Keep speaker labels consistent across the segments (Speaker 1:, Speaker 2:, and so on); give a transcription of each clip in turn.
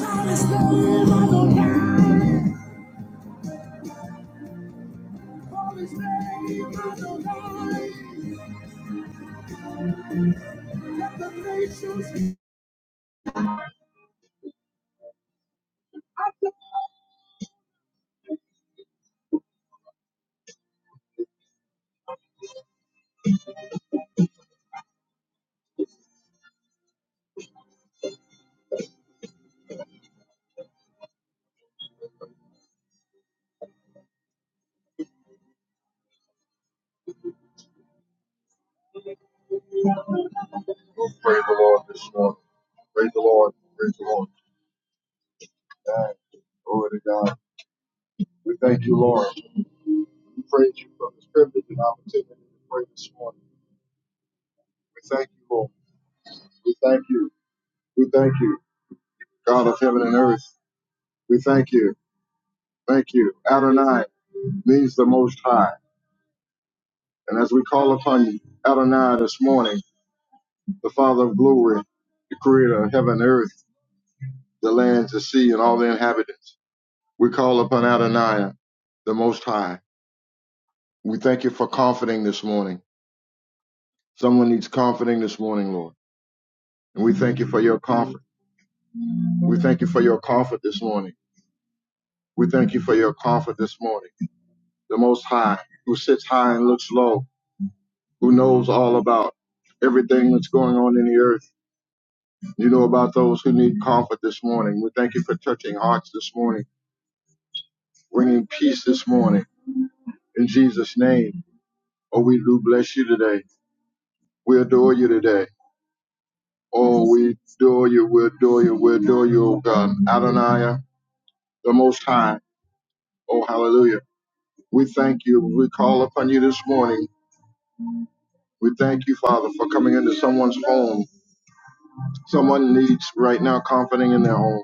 Speaker 1: Oh, praise the Lord this morning. Praise the Lord. Praise the Lord. God. Glory to God. We thank you, Lord. We praise you for this privilege and opportunity to pray this morning. We thank you, Lord. We thank you. We thank you, God of heaven and earth. We thank you. Thank you. Adonai means the most high. And as we call upon you, Adonai this morning, the Father of glory, the creator of heaven and earth, the lands, the sea, and all the inhabitants. We call upon Adonai, the Most High. We thank you for comforting this morning. Someone needs comforting this morning, Lord. And we thank you for your comfort. We thank you for your comfort this morning. We thank you for your comfort this morning. The Most High, who sits high and looks low, who knows all about everything that's going on in the earth. You know about those who need comfort this morning. We thank you for touching hearts this morning, bringing peace this morning. In Jesus' name, oh, we do bless you today. We adore you today. Oh, we adore you, we adore you, we adore you, O God. Adonai, the Most High. Oh, hallelujah. We thank you. We call upon you this morning. We thank you, Father, for coming into someone's home. Someone needs right now comforting in their home.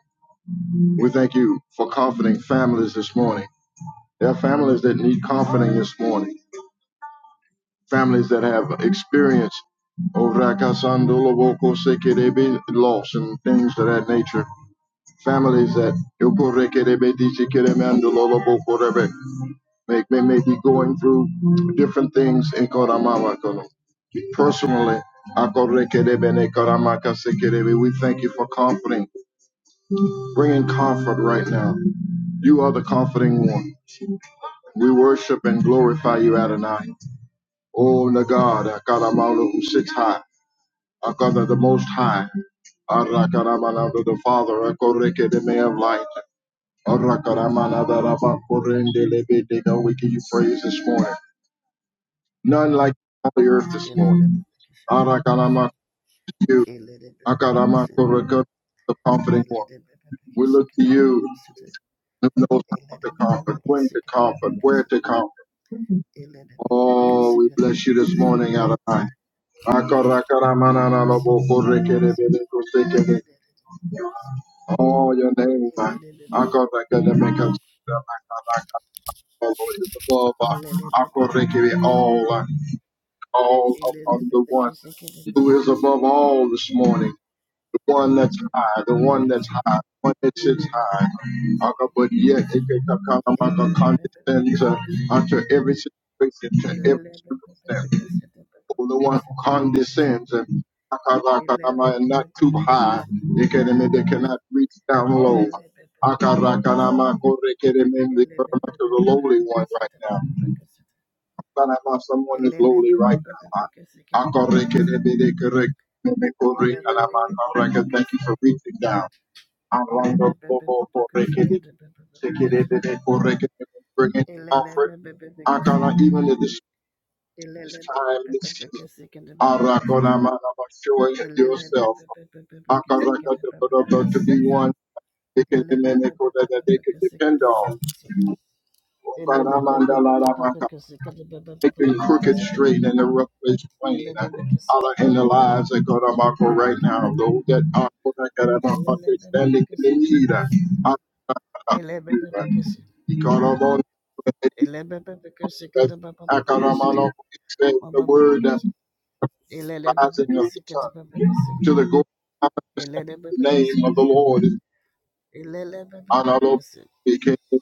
Speaker 1: We thank you for comforting families this morning. There are families that need comforting this morning. Families that have experienced oh, rakasandolo, woko, sekerebe, loss and things of that nature. families that make may, may be going through different things in Koramama. Kono. Personally, Akorekedebene Koramakasekerebe, we thank you for comforting, bringing comfort right now. You are the comforting one. We worship and glorify you, Adonai. Oh, the God, Akaramalu, who sits high, Akara, the Most High, Arakaramana, the Father, Akoreke, the May of light. Arakaramanadarabakorendelebedegawe. We give you praise this morning. None like you on the earth this
Speaker 2: Ele
Speaker 1: morning. Arakarama you. Akaramakoraka, The confident one. We look to you who knows how to comfort, when to comfort, where to comfort. Oh, we bless you this morning, Adonai. Akarakaramanadarabokorekerebedekoseke. Oh, your name, man. Akarakaramakasaka. Lord, is above uh, all. all upon the one who is above all this morning, the one that's high, the one that's high, the one that sits high. But yet, it can come Condescend to, unto every
Speaker 2: Elele
Speaker 1: situation, to every circumstance. Oh, the one who condescends and not too high. They can- they cannot reach down low. Akarakarama, korekereme, they come to the lowly one right now. Banama, someone is lowly right now. I- Akorekenebedekerek, nebekorekanamanorekan. Thank you for reaching down. Arondo kobo korekene, sekerebedekorekene, Bringing comfort. I gonna even in this, time, this season. I gonna am showing yourself. I gonna to be one.
Speaker 2: Ele
Speaker 1: they can they can depend on. making crooked straight and the rough place plain. Allah in the lives of God Abako right now. Those that are Kodakadabako standing in the need. Allah of you. Ikarabon- Akaramanoko, it says The word uh, rising of the sun to the glory of understanding. the name of the Lord is honorable. He came to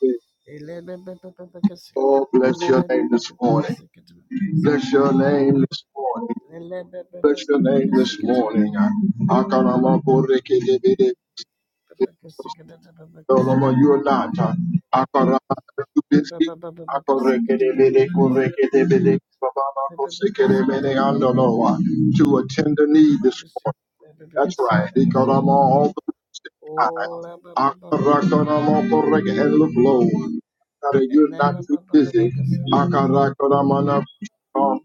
Speaker 1: Oh, bless your name this morning. Bless your name this morning. Bless your name this morning. Akarama boreke debede. Lord, you are not. Akarama you busy. Akoreke debede koreke debede. Bababa koseke debede andoloa. To attend the need this morning. That's right. Ikonomo Operai. Akarakonomo Korek and look low. That you're not too busy. Akarakonomana. Come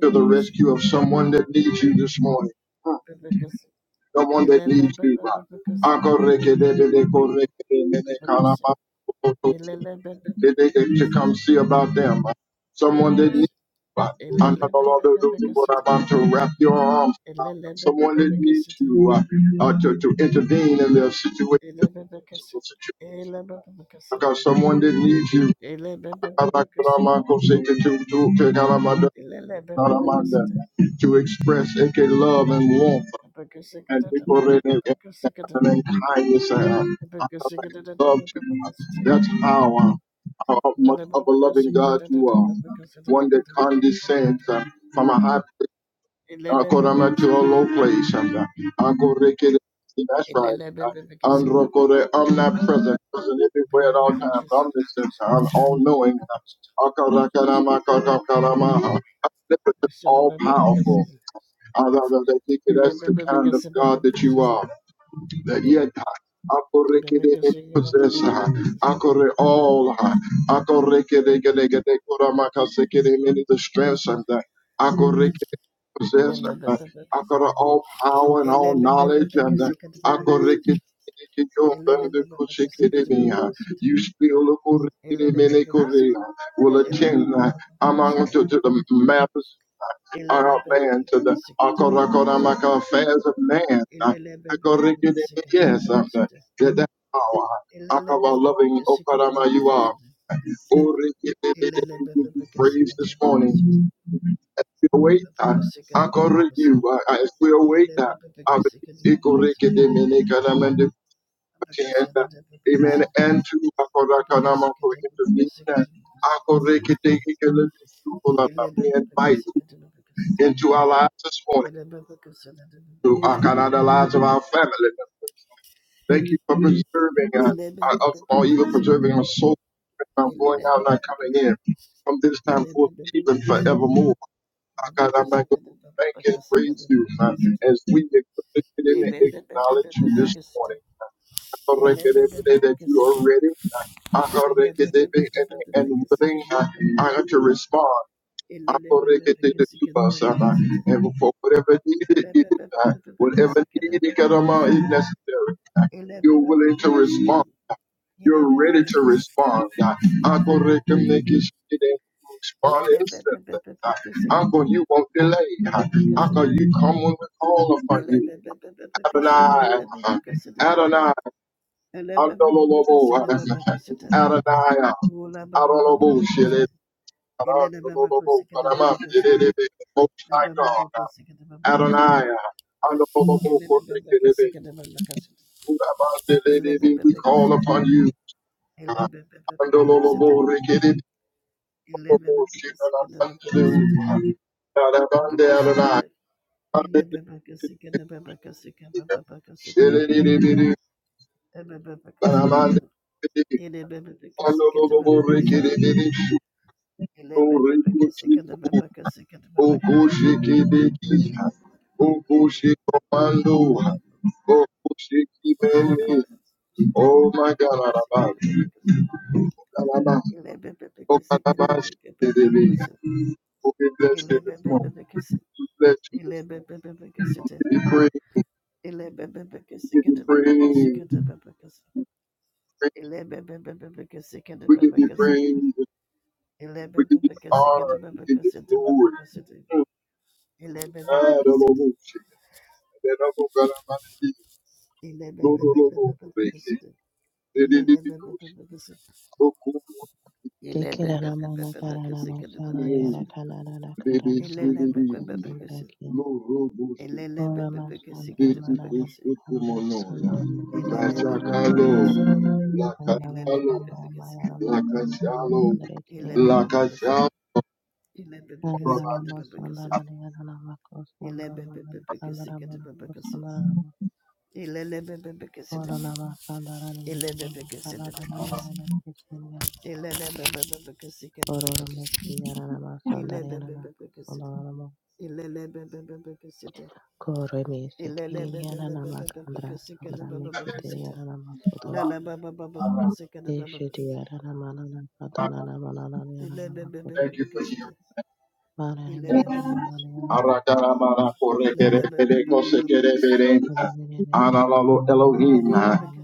Speaker 1: to the rescue of someone that needs you this morning. Hmm
Speaker 2: Elele
Speaker 1: someone that needs you, God. Uncle go to come see about them. Someone that needs you, God. I know the Lord what I'm about to wrap your arms around. Someone that needs you uh, uh, to to intervene in their situation. I got someone that needs you.
Speaker 2: Ele
Speaker 1: to express AK love and warmth and people really in highest uh, uh, absorption. That's how uh, how much of a loving God you are. One that condescends uh, from a high place, uh, Korama to a low place. And, uh, Ankoreke, that's right. Uh, Androkore, omnipresent, present everywhere at all times, omniscient, I'm all knowing. Akarakarama, karakarama, omnipotent, All powerful. That's the kind of God that you are that yet Akorekedebe possessa. Akore all. Akorekedekedekede koramakasekede many the strengths and that. Akorekede possess. Akora all power and all knowledge and akorekede. You still
Speaker 2: Ele
Speaker 1: akorekedemene will attend uh, among to, to the matters our man to the Akorakoramaka affairs of man. uh, Akorekene, Yes, uh, that that power. Akaba loving Okarama you are. Oh, we Praise this morning. As we await that, Akore you uh, as we await that. uh, Ikorekene, mene karama de kutienda. Amen. And to Akorakanama for intervention. Akorekene, ikele bisukula, uh, We invite into our lives this morning. To Akarada lives of our family. members. Thank you for preserving uh, uh, us from all, even preserving our soul
Speaker 2: Ele
Speaker 1: from going out, and not coming in. From this time forth, even forevermore. Uh, God, I'm not going to thank and praise you uh, as we acknowledge and acknowledge you this morning. I'm Uh, That you are ready I'm uh, uh, and, and willing uh, uh, to respond. Akoreketeketubasana. And for whatever needed it is, God, whatever needed Karama is necessary, God, you're willing to respond. You're ready to respond. God. Akoreketeketubasana. Respond instantly. God. Uncle, you won't delay. God. Uncle, you come when we call upon you. Adonai. God. Adonai.
Speaker 2: Ele baba baba kusada
Speaker 1: Adonai.
Speaker 2: baba kusada.
Speaker 1: Adonai. Adonai.
Speaker 2: Ola baba baba
Speaker 1: Adonai,
Speaker 2: kusada. Ele
Speaker 1: most
Speaker 2: na baba kusada baba kusada. Na
Speaker 1: High
Speaker 2: baba baba
Speaker 1: God,
Speaker 2: kusada baba kusada.
Speaker 1: Adonai,
Speaker 2: Ele na baba
Speaker 1: Andololobokorikidebe,
Speaker 2: kusada baba kusada.
Speaker 1: Urabandelebe,
Speaker 2: Ele baba
Speaker 1: we
Speaker 2: baba
Speaker 1: call
Speaker 2: kusada.
Speaker 1: upon you.
Speaker 2: Ele baba baba kusada.
Speaker 1: Andololobokorikidebe,
Speaker 2: Ele baba kusada baba kusada.
Speaker 1: Oroboshikanabandelebu,
Speaker 2: Baba
Speaker 1: Adabande
Speaker 2: kusada.
Speaker 1: Adonai,
Speaker 2: Ele
Speaker 1: Adonai,
Speaker 2: baba kusada baba kusada baba kusada baba. Ele baba kusada.
Speaker 1: Shilelelebele, Barabandelebu,
Speaker 2: Ele baba kusada baba kusada.
Speaker 1: Andololobokorikidebe,
Speaker 2: Ele bebe beke sikete
Speaker 1: Oroboshikanabandelebu,
Speaker 2: bebe ke sikete bebe ke
Speaker 1: Okushi
Speaker 2: sikete.
Speaker 1: kideki, okushi komando,
Speaker 2: Come back,
Speaker 1: okushi kibeni.
Speaker 2: come back. Sit in the
Speaker 1: Oh my
Speaker 2: body
Speaker 1: God,
Speaker 2: beke
Speaker 1: Alabama,
Speaker 2: sikete bebe ke sikete.
Speaker 1: Alabama,
Speaker 2: Ele bebe beke sikete
Speaker 1: Alabama,
Speaker 2: bebe beke
Speaker 1: Shikidiki.
Speaker 2: sikete.
Speaker 1: Oh, we bless you
Speaker 2: Ele
Speaker 1: this
Speaker 2: bebe
Speaker 1: morning.
Speaker 2: bebe ke sikete.
Speaker 1: We bless you
Speaker 2: Ele
Speaker 1: this morning.
Speaker 2: bebe bebe ke
Speaker 1: We
Speaker 2: sikete.
Speaker 1: give you praise.
Speaker 2: Ele bebe beke
Speaker 1: We give
Speaker 2: sikete
Speaker 1: you
Speaker 2: bebe ke
Speaker 1: praise.
Speaker 2: sikete bebe ke sikete.
Speaker 1: Praise.
Speaker 2: Ele bebe bebe beke sikete
Speaker 1: We give
Speaker 2: bebe
Speaker 1: you
Speaker 2: ke sikete.
Speaker 1: praise.
Speaker 2: Ele
Speaker 1: We
Speaker 2: bebe
Speaker 1: give you
Speaker 2: beke sikete
Speaker 1: honor. We
Speaker 2: bebe ke
Speaker 1: give you
Speaker 2: sikete bebe
Speaker 1: glory.
Speaker 2: ke sikete.
Speaker 1: Oh,
Speaker 2: Ele bebe
Speaker 1: God,
Speaker 2: beke
Speaker 1: Alabama,
Speaker 2: sikete.
Speaker 1: Shikidiki. Oh, shit. That other God, Alabama, Shikidiki.
Speaker 2: Ele
Speaker 1: Oh, Lord,
Speaker 2: bebe
Speaker 1: Lord, Lord,
Speaker 2: bebe
Speaker 1: Lord,
Speaker 2: bebe ke
Speaker 1: oh, Lord, oh, Lord.
Speaker 2: sikete.
Speaker 1: Okumu
Speaker 2: Ele
Speaker 3: Thank
Speaker 2: be be
Speaker 3: you.
Speaker 2: be be be be kesi kedi be be kesi.
Speaker 1: kumu lebe
Speaker 2: Ele le be be be
Speaker 1: shiriri
Speaker 2: be kesi.
Speaker 1: lo robo
Speaker 2: Ele le be
Speaker 1: shikana
Speaker 2: be be kesi kedi
Speaker 1: leti
Speaker 2: be be
Speaker 1: kosto
Speaker 2: kesi.
Speaker 1: kumonoya
Speaker 2: Ele
Speaker 1: la
Speaker 2: le be be be be
Speaker 1: chakalo
Speaker 2: kesi.
Speaker 1: la
Speaker 2: Ele le be
Speaker 1: kachalo
Speaker 2: be be kesi.
Speaker 1: la kachalo
Speaker 2: Ele be
Speaker 1: la
Speaker 2: be be kesi.
Speaker 1: kachalo
Speaker 2: Ele be be kesi
Speaker 1: Rama,
Speaker 2: kedi be be kesi. Ele be be be be kesi kedi be be kesi. Ele le be be be kesi. Ele be be kesi kedi be be kesi. Ele le be be be kesi kedi be be kesi. Ele be be be kesi. Ele le be be be kesi.
Speaker 3: Koreme
Speaker 2: Oh,
Speaker 3: sekiriana namakandra sandra mekiteriana namasodo. Deshidiana namanana katana namanana yana namakodo.
Speaker 1: thank you for you
Speaker 3: Manana yana
Speaker 1: arakarabara korekere pere kosekere pere analalo Elohim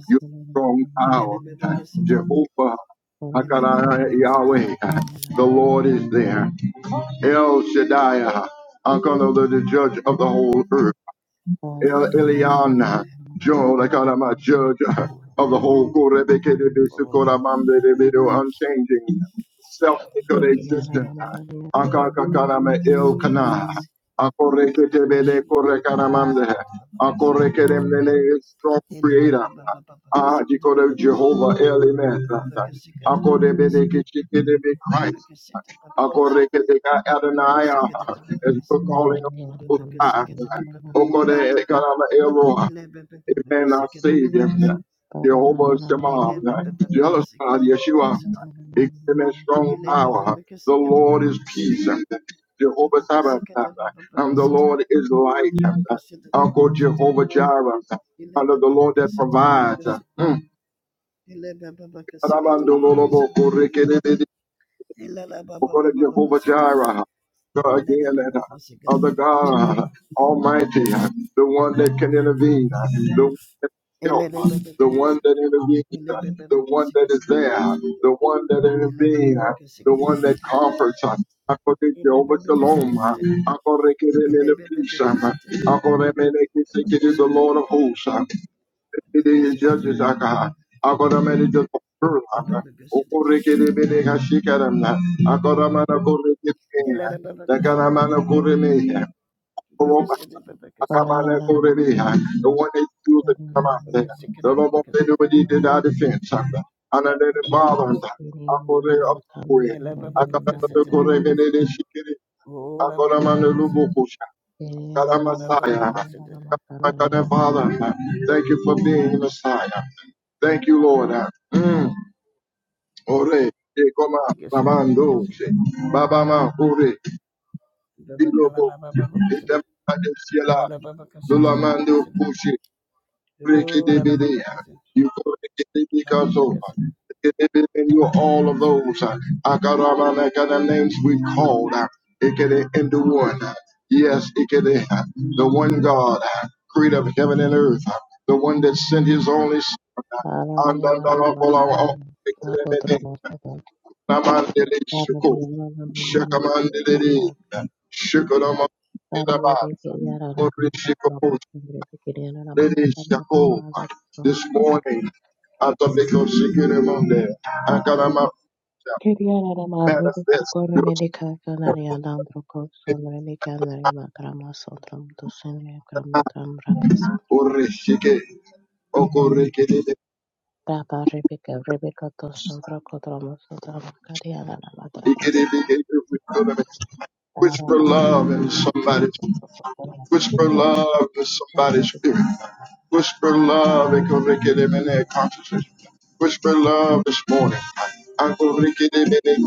Speaker 1: you strong power Jehovah Hakara Yahweh the Lord is there El Shaddai, Uncle of the judge of the whole earth. El Elyon, Joe, I call him a judge of the whole Korebeke de Besukoramamde de Bedo, unchanging, self existent.
Speaker 3: manana
Speaker 1: Akakakarame
Speaker 3: yana.
Speaker 2: how I
Speaker 1: El
Speaker 2: live with
Speaker 1: Kana,
Speaker 2: this. I
Speaker 1: Akoreke
Speaker 2: don't
Speaker 1: de
Speaker 2: have the
Speaker 1: Bede
Speaker 2: shoes. I
Speaker 1: Korekaramamde, strong creator.
Speaker 2: don't
Speaker 1: Ah, Jikore Jehovah Elimet, Akorebe de Christ,
Speaker 2: have the shoes.
Speaker 1: Akoreke de
Speaker 2: Ele
Speaker 1: Adonai, as we're calling him. Okode Ekarama Eroha. Amen, our Savior.
Speaker 3: Para
Speaker 1: Jehovah Shema. Jealous God, Yeshua. Amen, strong power. The Lord is peace. Jehovah Sabbath. And the Lord is light. Uncle Jehovah Jireh. Under the Lord that provides. Mm. We're to Jehovah Jireh, uh, again, that uh, other God uh, Almighty, uh, the one that can intervene, uh, the one that can help, uh, the one that intervenes, uh, the one that is there, uh, the one that
Speaker 2: Ola baba
Speaker 1: intervenes, uh, the one that comforts. uh, I call it Jehovah Shalom. uh, I call it Kerem in the peace. uh, I call it Menek the Lord of hosts. uh, Ele judges akaha. Agora mene judges kurama. Okore kere bene kashikaramna. Agora mana kore kere. Dagana mana kore meha. Koroba. Akamana kore meha. The one that you that come out there. The Lord of the nobody did our defense. Another the father. Akore of it.
Speaker 2: Baba,
Speaker 1: Akabana kore bene de shikiri. Agora mana lubu God, our
Speaker 2: ola baba
Speaker 1: Messiah.
Speaker 2: kasida,
Speaker 1: My God and Father, thank you for being the Messiah. Thank you, Lord. Mm. Ore, e koma, ramando, se. Baba ma, ore, ilobo, itempa de siela, lulamando, pushi, Rikidibidi. You go
Speaker 2: la baba
Speaker 1: rikidibikazo.
Speaker 2: kasida.
Speaker 1: Rikidibidi, and
Speaker 2: Ele
Speaker 1: You're all of those. uh, Akaramanaka, The names we called uh, Ikede into one. uh, Yes, Ikede, uh, the one God, uh, creator of heaven and earth, uh, the one that sent his only son. uh, Andandalakola, uh, Ikidibidi, Namandelishuko, Shakamandelidi, Shukodamandelaba,
Speaker 3: de que ya la nuestra
Speaker 1: Orishikopo,
Speaker 3: propia sangre de que ya la
Speaker 1: Lady
Speaker 3: macata de la
Speaker 1: Shako,
Speaker 3: mamada
Speaker 1: this morning, Atomiko Shikiri Monday, Akarama manifest,
Speaker 3: rapa
Speaker 1: Urishike, Okorikiri,
Speaker 3: Rebecca, Rebecca Tosto Brocotromo Sotram Cariana Matrata Sata
Speaker 1: Ikiri, whisper
Speaker 3: Rapa
Speaker 1: love in somebody's, whisper
Speaker 3: Rebecca
Speaker 1: love in somebody's
Speaker 3: Rebecca
Speaker 1: spirit, whisper love in Korikiri Mene consciousness, whisper love this morning, Ankorikiri Mene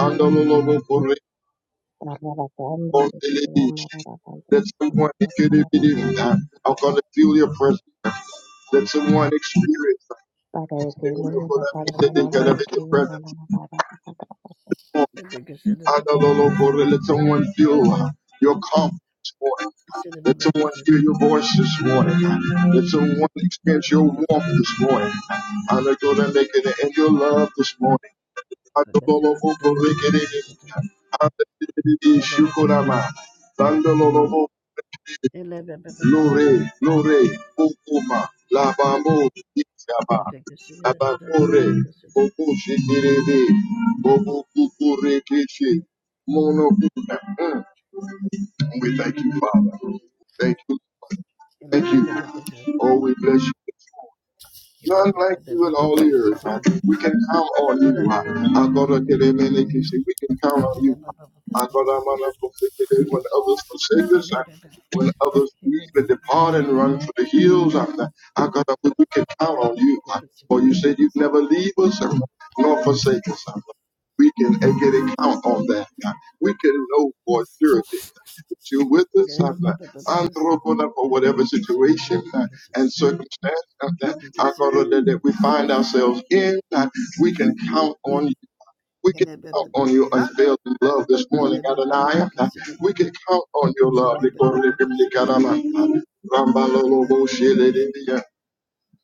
Speaker 1: Korikiri,
Speaker 3: Rapa Pamre
Speaker 1: on
Speaker 3: Rama
Speaker 1: television.
Speaker 3: Rapa
Speaker 1: Let
Speaker 3: Sona
Speaker 1: someone get a video.
Speaker 3: Rapa
Speaker 1: I'm gonna feel your presence. Let someone experience
Speaker 3: Pada Dimuna
Speaker 1: that
Speaker 3: Pada Mama
Speaker 1: they of your presence.
Speaker 3: Pada
Speaker 1: Come on. Adalolobore, Let someone feel uh, your calm this morning. Let someone hear your voice this morning. Let someone experience your warmth this morning. I'm gonna make it in your love this morning. Adololofo, Korekerere. Adededede, Shukurama. Sandalolo Lore, Lore, Kokoma, Labamo, Isaba, Abakore, Bobo Shikirebe, Bobo Kukure Kishi, Mono Mm. We thank you, Father. Thank you. Thank you. Oh, we bless you. None like you in all the earth. huh? We can count on you. huh? I thought I could have any case. We can count on you. I thought I'm on when others forsake us. huh? When others leave and depart and run for the hills, huh? I got up we can
Speaker 2: Ele
Speaker 1: count on you. huh? For you said you'd never leave us huh? nor forsake us. huh? We can uh, get a count on that. huh? We can know for surety that you're with us. huh? Andro, for whatever situation huh, and circumstance. huh? I go that, we find ourselves in, God, we can count on you. We can count on your unfailing love this morning, Adonai. God, We can count on your love.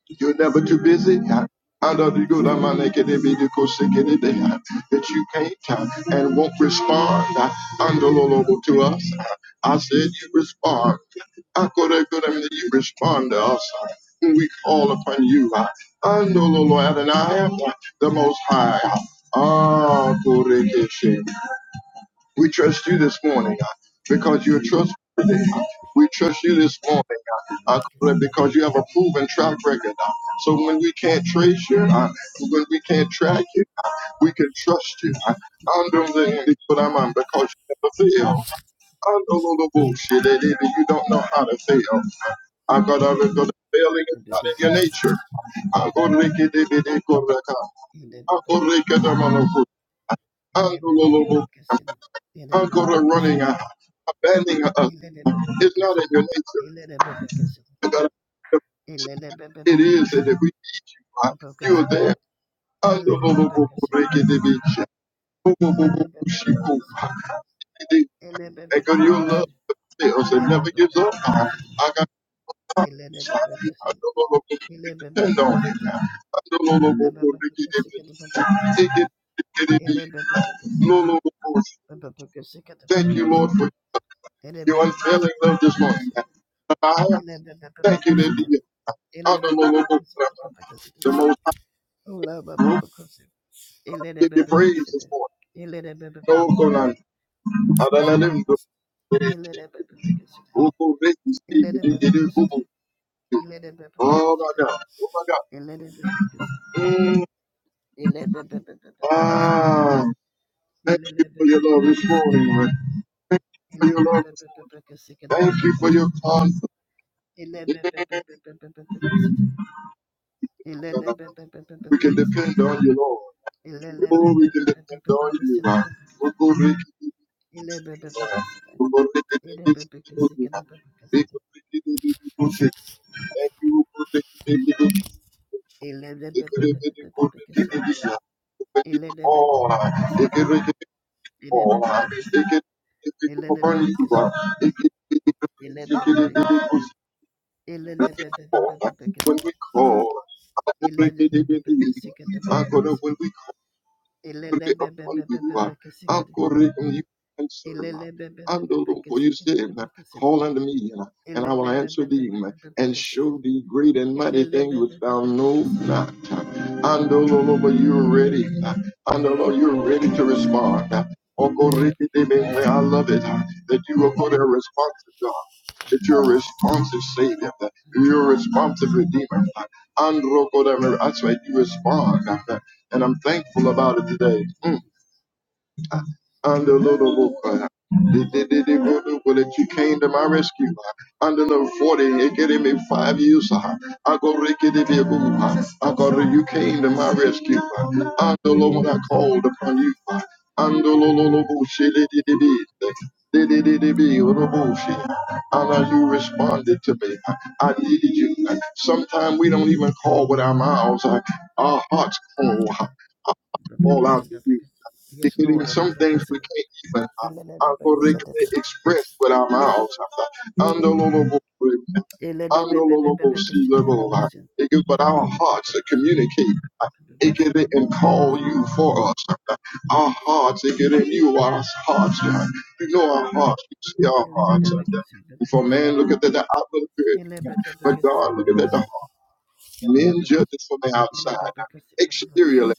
Speaker 1: You're never too busy. I know you go down my neck and be the coach, sick any uh, that you can't uh, and won't respond uh, undolable to us. Uh, I said you respond. I could have good I that you respond to us uh, when we call upon you. Uh, undolable Adonai, uh, the Most High. Uh, Ah, Korekeshe. We trust you this morning God, because you're trustworthy. God. We trust you this morning God, uh, because you have a proven track record. God. So when we can't trace you, uh, when we can't track you, uh, we can trust you. uh, Under the but I'm on because you never fail. Under the bullshit that either you don't know how to fail. I got to of the failing is not in your nature. I go to make it, it, it, it, go to the car. I go to make it, I'm on the foot. Unbelievable Ankara running, uh, abandoning us. It's not in your nature. God. It is that if we need you, God, you are there.
Speaker 2: Elele bebe kesidi bebe kesidi.
Speaker 1: Andolobokorekedebeshe,
Speaker 2: Elele bebe bebe
Speaker 1: bobobobokushiko.
Speaker 2: kesidi.
Speaker 1: And
Speaker 2: Ele bebe
Speaker 1: God,
Speaker 2: bebe
Speaker 1: your love
Speaker 2: kesidi.
Speaker 1: fails and
Speaker 2: Ele
Speaker 1: never
Speaker 2: bebe bebe
Speaker 1: gives up. God.
Speaker 2: kesidi.
Speaker 1: I got
Speaker 2: Elele bebe
Speaker 1: something.
Speaker 2: kesidi. Ele bebe
Speaker 1: Depend
Speaker 2: bebe
Speaker 1: on it.
Speaker 2: kesidi.
Speaker 1: God.
Speaker 2: La bebe bebe kesidi bebe kesidi.
Speaker 1: Andolobokorekedebeshe.
Speaker 2: Ele bebe bebe kesidi. Bebe bebe kesidi
Speaker 1: Thank
Speaker 2: bebe
Speaker 1: you, Lord,
Speaker 2: kesidi.
Speaker 1: for
Speaker 2: Ele
Speaker 1: Your
Speaker 2: bebe
Speaker 1: unfailing
Speaker 2: kesidi
Speaker 1: love this
Speaker 2: bebe
Speaker 1: morning.
Speaker 2: kesidi.
Speaker 1: I
Speaker 2: Ele bebe bebe
Speaker 1: thank you that
Speaker 2: kesidi.
Speaker 1: you are
Speaker 2: Ele
Speaker 1: the
Speaker 2: bebe bebe
Speaker 1: Lord,
Speaker 2: kesidi bebe
Speaker 1: the
Speaker 2: kesidi.
Speaker 1: most high.
Speaker 2: Ola bebe bebe kesidi. Ele
Speaker 1: Give
Speaker 2: bebe
Speaker 1: you
Speaker 2: bebe
Speaker 1: praise
Speaker 2: kesidi.
Speaker 1: this morning.
Speaker 2: Ele bebe bebe
Speaker 1: No, go
Speaker 2: kesidi.
Speaker 1: on. Hallelujah.
Speaker 2: Ele bebe bebe kesidi.
Speaker 1: Oh, go, let me speak.
Speaker 2: Ele bebe bebe kesidi.
Speaker 1: Oh,
Speaker 2: Ele bebe
Speaker 1: Oh my
Speaker 2: consider.
Speaker 1: God. Oh my God.
Speaker 2: Ele bebe consider.
Speaker 1: Mm.
Speaker 2: Ele bebe consider.
Speaker 1: Ah, thank
Speaker 2: Ele
Speaker 1: you for your love
Speaker 2: bebe
Speaker 1: this
Speaker 2: consider.
Speaker 1: morning, Lord. Thank you for
Speaker 2: Ele bebe consider. Ele
Speaker 1: your love this morning. Thank
Speaker 2: bebe
Speaker 1: you for your
Speaker 2: consider.
Speaker 1: confidence.
Speaker 2: Ele bebe consider. Ele bebe consider. Ele
Speaker 1: God.
Speaker 2: bebe consider. Ele bebe
Speaker 1: We can
Speaker 2: consider.
Speaker 1: depend on you, Lord.
Speaker 2: Ele
Speaker 1: Oh, we
Speaker 2: bebe
Speaker 1: can depend on you,
Speaker 2: consider.
Speaker 1: God.
Speaker 2: Ele bebe consider. Ele bebe consider. Ele bebe consider. Ele bebe consider. Yes,
Speaker 1: When we call, I'm going to when we pray upon you. uh, I correct and you answer. uh, And the Lord, for you said, uh, Call unto me, uh, and I will answer thee, uh, and show thee great and mighty things which thou know not. uh. And the Lord, but you're ready. uh, And the Lord, you're ready to respond. uh. Oh, correct it, amen. I love it uh, that you are going to respond to God that you're a responsive Savior, that you're a responsive Redeemer. And Roko, that- that's right, you respond and I'm thankful about it today. Mm. Under little Boca, did well, that you came to my rescue. uh, Under the forty, it getting me five years. uh, I go rickety be I go you came to my rescue. uh, Under the when I called upon you. uh, Under little bullshit, did did did did bullshit. Honor you responded to me. uh, I needed you. Sometimes we don't even call with our mouths. uh, Our hearts call, call out to you. There could be
Speaker 2: Lord.
Speaker 1: some things we
Speaker 2: Yes,
Speaker 1: can't even uh, uh, correctly express with our mouths. Undelable, undelable sea level. uh, it is But our hearts that communicate it can and call you for us. Our hearts, it can you, our hearts. uh, You know our hearts. You see our hearts. uh, For
Speaker 2: Lord.
Speaker 1: man, look at the, the outward
Speaker 2: Landa baba
Speaker 1: appearance, but God, look at the heart. Men judge it from the outside, exteriorly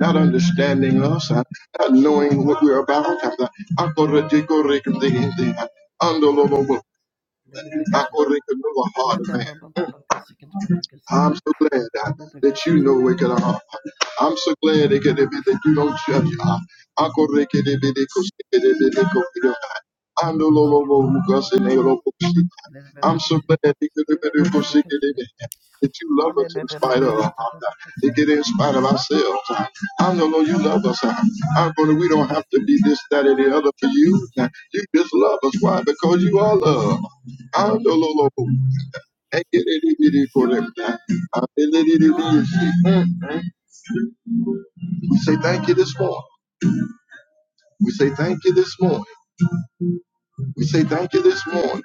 Speaker 1: not understanding us, uh, not knowing what we're about. uh, Akoradikorikdi, uh, Andololobo, Akorikadula heart, of man.
Speaker 2: baba kasi kete baba kasi
Speaker 1: I'm so glad
Speaker 2: le
Speaker 1: uh,
Speaker 2: baba
Speaker 1: that
Speaker 2: kasi
Speaker 1: you
Speaker 2: te
Speaker 1: know where
Speaker 2: baba
Speaker 1: could
Speaker 2: Cassic
Speaker 1: I. am so glad they could- have been that you don't judge. uh, Uncle Ricky, they be they could see, they be they could
Speaker 2: and the
Speaker 1: uh, Ando lo lo
Speaker 2: baba
Speaker 1: who goes in there, lo lo, see. I'm so glad they
Speaker 2: kasi
Speaker 1: could they be
Speaker 2: kete baba kasi
Speaker 1: they could see, they be-
Speaker 2: le baba kasi
Speaker 1: that you
Speaker 2: ele
Speaker 1: love us in
Speaker 2: baba
Speaker 1: spite of
Speaker 2: kasi
Speaker 1: uh,
Speaker 2: ele baba kasi te baba
Speaker 1: they get in spite of ourselves. uh. I know Lord, you love us. uh. I'm gonna we don't have to be this, that, or the other for you. uh. You just love us. Why? Because you are love. I know Lord. We say
Speaker 2: kasi
Speaker 1: thank you this morning. We say thank you this morning. We say thank you this morning.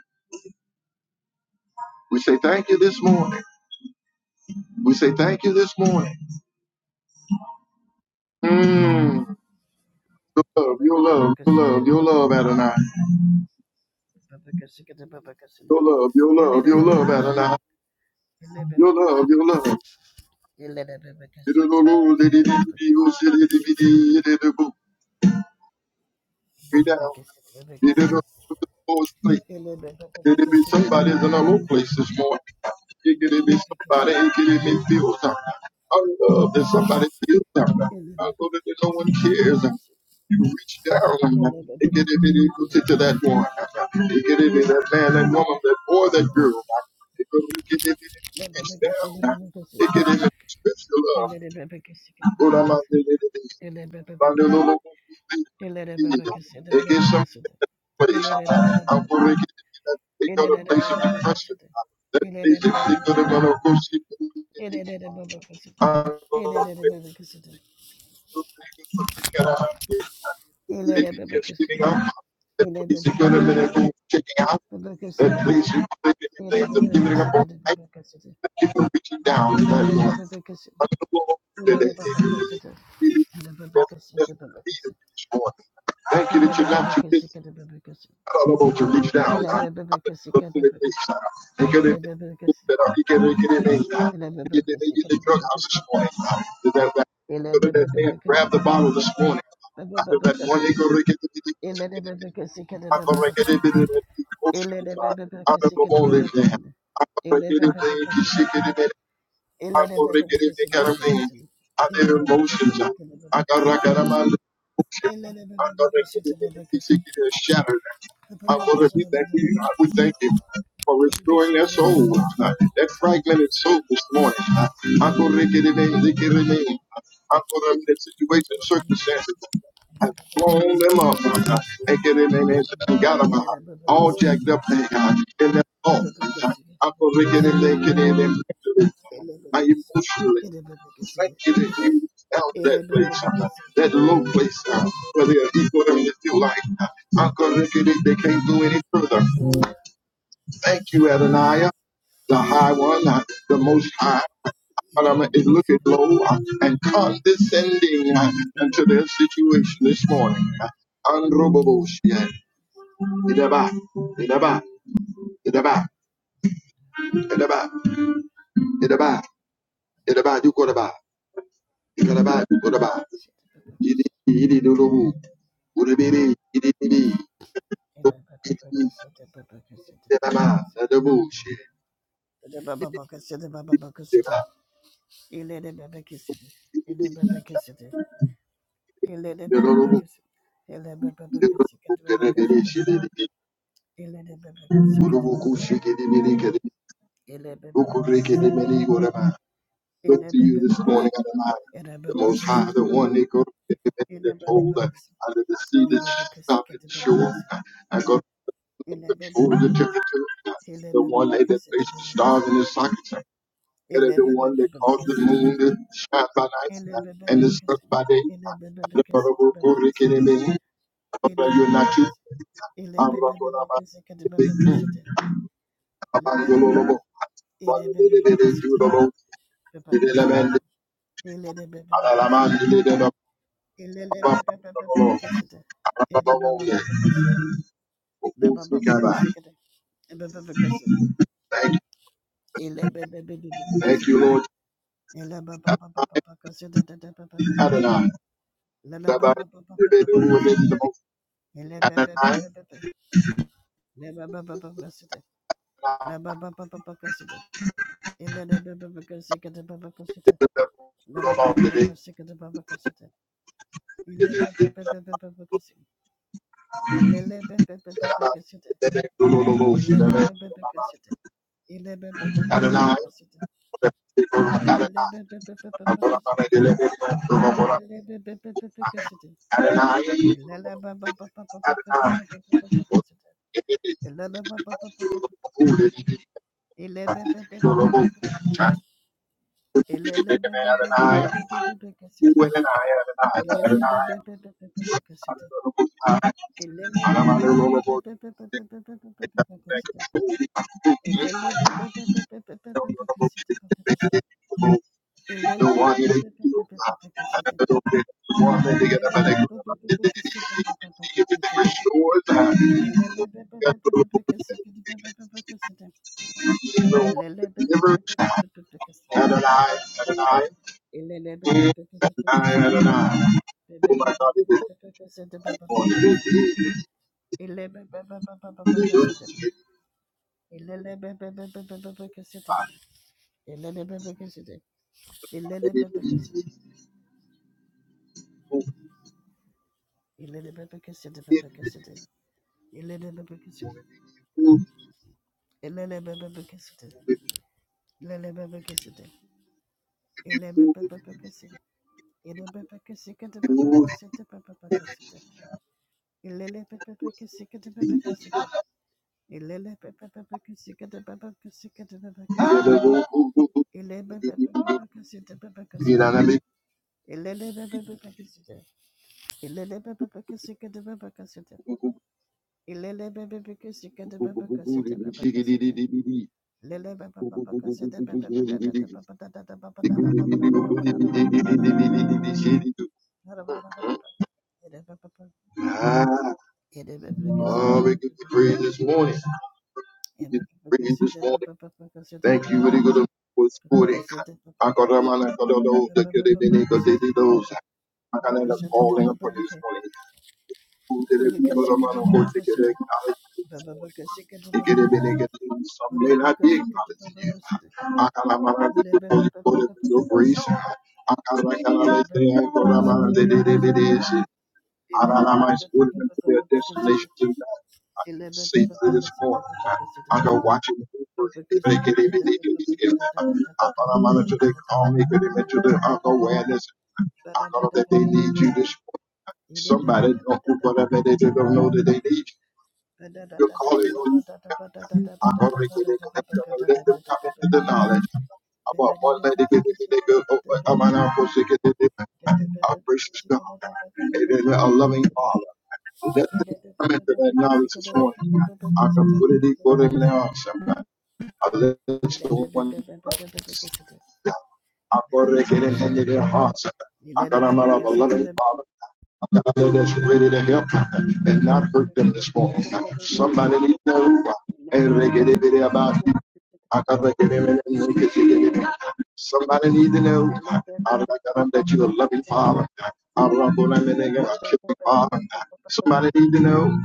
Speaker 1: We say thank you this morning. We say thank you this morning. Mm. Your love,
Speaker 2: baba kasi le
Speaker 1: your
Speaker 2: baba
Speaker 1: love, your
Speaker 2: kasi te
Speaker 1: love, your love, Adonai.
Speaker 2: baba kasi kete baba kasi
Speaker 1: Your love, your
Speaker 2: ele
Speaker 1: love, your
Speaker 2: baba
Speaker 1: love,
Speaker 2: kasi
Speaker 1: Adonai.
Speaker 2: ele
Speaker 1: Your
Speaker 2: baba kasi
Speaker 1: love, your love.
Speaker 2: ele le baba kasi baba kasi Ele
Speaker 1: We down. Could it be somebody's in a low place this morning? It could be somebody, it could it be filled I love that somebody feels out. I know that no one cares. You reach down and it could it be equal to that one. It could it be that man, that woman, that boy, that girl. It could be reach down. It could it be special love. Bandololo It gives some place. I'm going to take out a place of depression. That place that they could have gone to go see. I'm going to take out a place of depression getting up. That please, if are in a checking out. That please, you think
Speaker 2: Ele
Speaker 1: anything giving up on life. That keep reaching down to that one. I'm going to go over today. Thank you that you're not too busy. I don't know to reach down. I put the food in place, God. And get it put get it, get it made, Get it, you get the drug house this morning, Did that, that, did that man grab the bottle this morning? I feel that one nigga to get the I'm gonna get it, I don't know all this, I'm gonna get it, man. Get it, I'm gonna get it, I go regular mechanism. I did emotions. I got I got my emotion.
Speaker 2: Ele
Speaker 1: I got regular mechanism. shattered. I want to be thank you. I would thank you for restoring their soul, that fragmented soul this morning. I go regular mechanism. I go to the situation, circumstances. I've blown them up and get in there and got them out. All jacked up they got in that vault. I go regular mechanism. My emotional thank you that you reached out to that place, uh, that low place uh, where there are people having to feel like uh, Uncle Ricky, they, they can't go any further. Thank you, Adonai, the high one, uh, the most high. But I'm is looking low uh, and condescending uh, into their situation this morning. Uh, Unrobable, yeah. Idaba, idaba, idaba, idaba, idaba, idaba, you go to buy, you go to buy, you go to buy. Yidi yidi dudubu. Udibidi yidi yidi. Dedaba dedabu shi deba
Speaker 2: Ele bebe kesidi.
Speaker 1: yidi
Speaker 2: Ele bebe kesidi. Ele de bebe
Speaker 1: dedubu
Speaker 2: kesidi. Ele bebe
Speaker 1: dedubu kenebiri
Speaker 2: kesidi.
Speaker 1: shi dedi.
Speaker 2: Ele Bebe kesidi.
Speaker 1: Udubu kushi kedi biri kedi.
Speaker 2: Ele de bebe
Speaker 1: Ukuri
Speaker 2: kesidi.
Speaker 1: kedi biri gorema. Look
Speaker 2: Ele
Speaker 1: to
Speaker 2: bebe
Speaker 1: you this
Speaker 2: bebe
Speaker 1: morning,
Speaker 2: kesidi.
Speaker 1: Adonai,
Speaker 2: Ele
Speaker 1: the
Speaker 2: bebe
Speaker 1: Most
Speaker 2: bebe
Speaker 1: High,
Speaker 2: kesidi.
Speaker 1: the One that goes to the heaven that
Speaker 2: Ele bebe
Speaker 1: told uh,
Speaker 2: kesidi.
Speaker 1: out of the sea
Speaker 2: Ele
Speaker 1: that
Speaker 2: bebe bebe
Speaker 1: stop and shore.
Speaker 2: kesidi.
Speaker 1: I go to
Speaker 2: Ele bebe kesidi. Ele
Speaker 1: control
Speaker 2: Bebe
Speaker 1: the
Speaker 2: kesidi.
Speaker 1: temperature.
Speaker 2: Ele
Speaker 1: The
Speaker 2: bebe
Speaker 1: one
Speaker 2: bebe
Speaker 1: that that placed the stars in
Speaker 2: kesidi.
Speaker 1: his sockets. that
Speaker 2: Ele
Speaker 1: are the
Speaker 2: bebe
Speaker 1: one that
Speaker 2: bebe kesidi. Ele Bebe
Speaker 1: caused the
Speaker 2: kesidi.
Speaker 1: moon to shine by
Speaker 2: Ele
Speaker 1: night
Speaker 2: bebe
Speaker 1: and the
Speaker 2: bebe
Speaker 1: sun
Speaker 2: kesidi.
Speaker 1: by day.
Speaker 2: Ele bebe bebe kesidi. Ele bebe bebe kesidi. Ele Bebe kesidi.
Speaker 1: Father,
Speaker 2: Ele de
Speaker 1: you're
Speaker 2: bebe
Speaker 1: not you.
Speaker 2: kesidi. Ele
Speaker 1: I'm Thank you, thank you, Lord Adonai.
Speaker 2: Lada baba
Speaker 1: Adonai,
Speaker 2: baka sika da baba kasita. Ile baba baba baba baka sita. Ilele baba baba baka sita. Ilele baba baka sita. Ile baba baba kasita. Ilele baba baba kasita. Ilele baba baba baka Ilele baba baba baba baba baba Ilele baba baba baba baka.
Speaker 1: Adonai,
Speaker 2: Ile baba baba baba Ilele baba baba baba baka Ilele baba baba baba baka Elele Elele bebe kesidi. Elele bebe kesidi. Elele bebe kesidi bebe kesidi. Elele bebe kesidi. Elele bebe kesidi. Elele bebe kesidi. Elele bebe kesidi. Elele bebe kesidi bebe kesidi bebe kesidi. Elele bebe kesidi bebe kesidi. Elele bebe kesidi bebe kesidi bebe kesidi. Elele bebe kesidi bebe kesidi. Elele bebe kesidi. Elele bebe kesidi bebe kesidi. Ilele bebe beke sike de bebe kasete bebe kasete. Lele bebe bebe kasete bebe bebe da da bebe da da da bebe da da bebe da da bebe da da bebe
Speaker 1: Thank you.
Speaker 2: Ele bebe
Speaker 1: Ah,
Speaker 2: Ele bebe kasete
Speaker 1: oh,
Speaker 2: de
Speaker 1: we give
Speaker 2: bebe
Speaker 1: you praise this morning. We give
Speaker 2: Ele
Speaker 1: you
Speaker 2: bebe
Speaker 1: praise this
Speaker 2: kasete bebe
Speaker 1: morning.
Speaker 2: bebe kasete de
Speaker 1: Thank you, really good for
Speaker 2: bebe
Speaker 1: supporting.
Speaker 2: kasete bebe
Speaker 1: I Akaramana kadolo,
Speaker 2: Ele
Speaker 1: the
Speaker 2: bebe bebe bebe kasete de
Speaker 1: they've those. I got
Speaker 2: bebe kasete de bebe bebe. Bebe
Speaker 1: Akanada
Speaker 2: kasete de
Speaker 1: calling
Speaker 2: bebe kasete. Bebe bebe kasete de
Speaker 1: upon you this morning. Who did it? Kodamana kote kede acknowledge you this morning. They they get it, they get it. Some may not be acknowledging you. I
Speaker 2: Eleven
Speaker 1: Akaramana kadolo, for you, for your grace. Akarakana, they say, Akaramana, they did it. it is. I don't allow my spirit to to their destination tonight. I can see through this morning. I, I go watching the break. They get it, they get it. I thought I'm under to their call me, but they meant to their awareness. I thought that they need you this morning. Somebody don't know whatever they do, don't know that they need you. You're calling on Agora que they can let them come into the knowledge. About one lady get it, they go over. I'm an apple, she get it.
Speaker 2: Thank
Speaker 1: Our gracious God, and then a loving Father. Let them come into that knowledge this morning. I can put it equal in their arms. sometimes. I let someone I pray their hearts. I got them out of a loving father. Father that's ready to help and not hurt them this morning. Somebody needs to know and they get it about you. I got to get him in and make it Somebody need to know. I got them that you're a loving father. I rock them and they got a kicking father. Somebody need to know.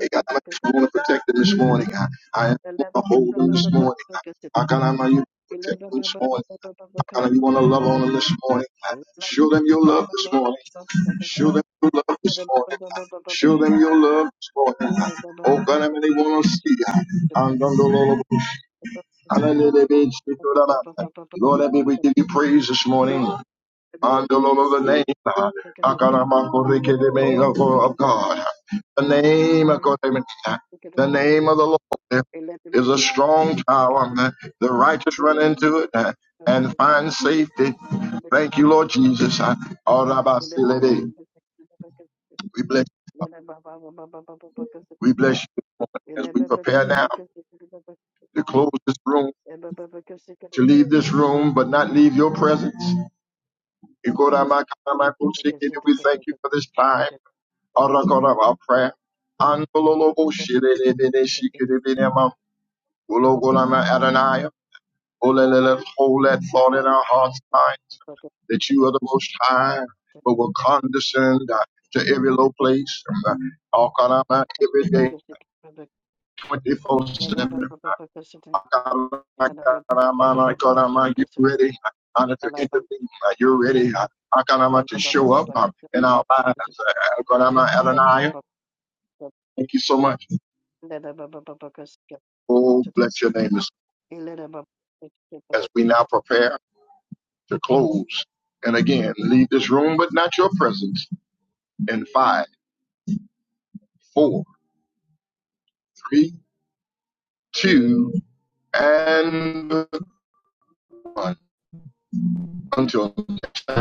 Speaker 1: Hey, God, I just want to protect them this morning. I, I just want to hold them this morning.
Speaker 2: you.
Speaker 1: I God, I know you
Speaker 2: Ele
Speaker 1: protect them this morning. I God, you want to love on them this morning. God, Show them your love this morning. Show them your love this morning. Show them your love this morning. Oh God, I mean, they want to see. I'm done the Lord. Hallelujah, baby. Lord, I mean, we give you praise this morning. Under the name, uh, Akaramakorike, the name of of God. The name of uh, the name of the Lord is a strong tower. uh, The righteous run into it uh, and find safety. Thank you, Lord Jesus. uh, Arabasilebe. We bless, we bless you as we prepare now to close this room, to leave this room, but not leave your presence. We thank you for this time. Arakaraba prayer. Andololobo shirelebede shikiribinema. Ulogolama Adonai. Ulelele, Hold that thought in our hearts mind that you are the most high, but will condescend uh, to every low place. uh, Akarama every day, 24 7.
Speaker 2: Thank
Speaker 1: Akarama, Akarama, Akarama, You ready Honor to intervene? uh, You're ready uh, Akarama to show up uh, in our lives. uh, Akarama Adonai. Thank you so much. Oh, bless your name as, as we now
Speaker 2: you.
Speaker 1: prepare to close. And again, leave this room, but not your presence. In five, four, three, two, and one. Until now.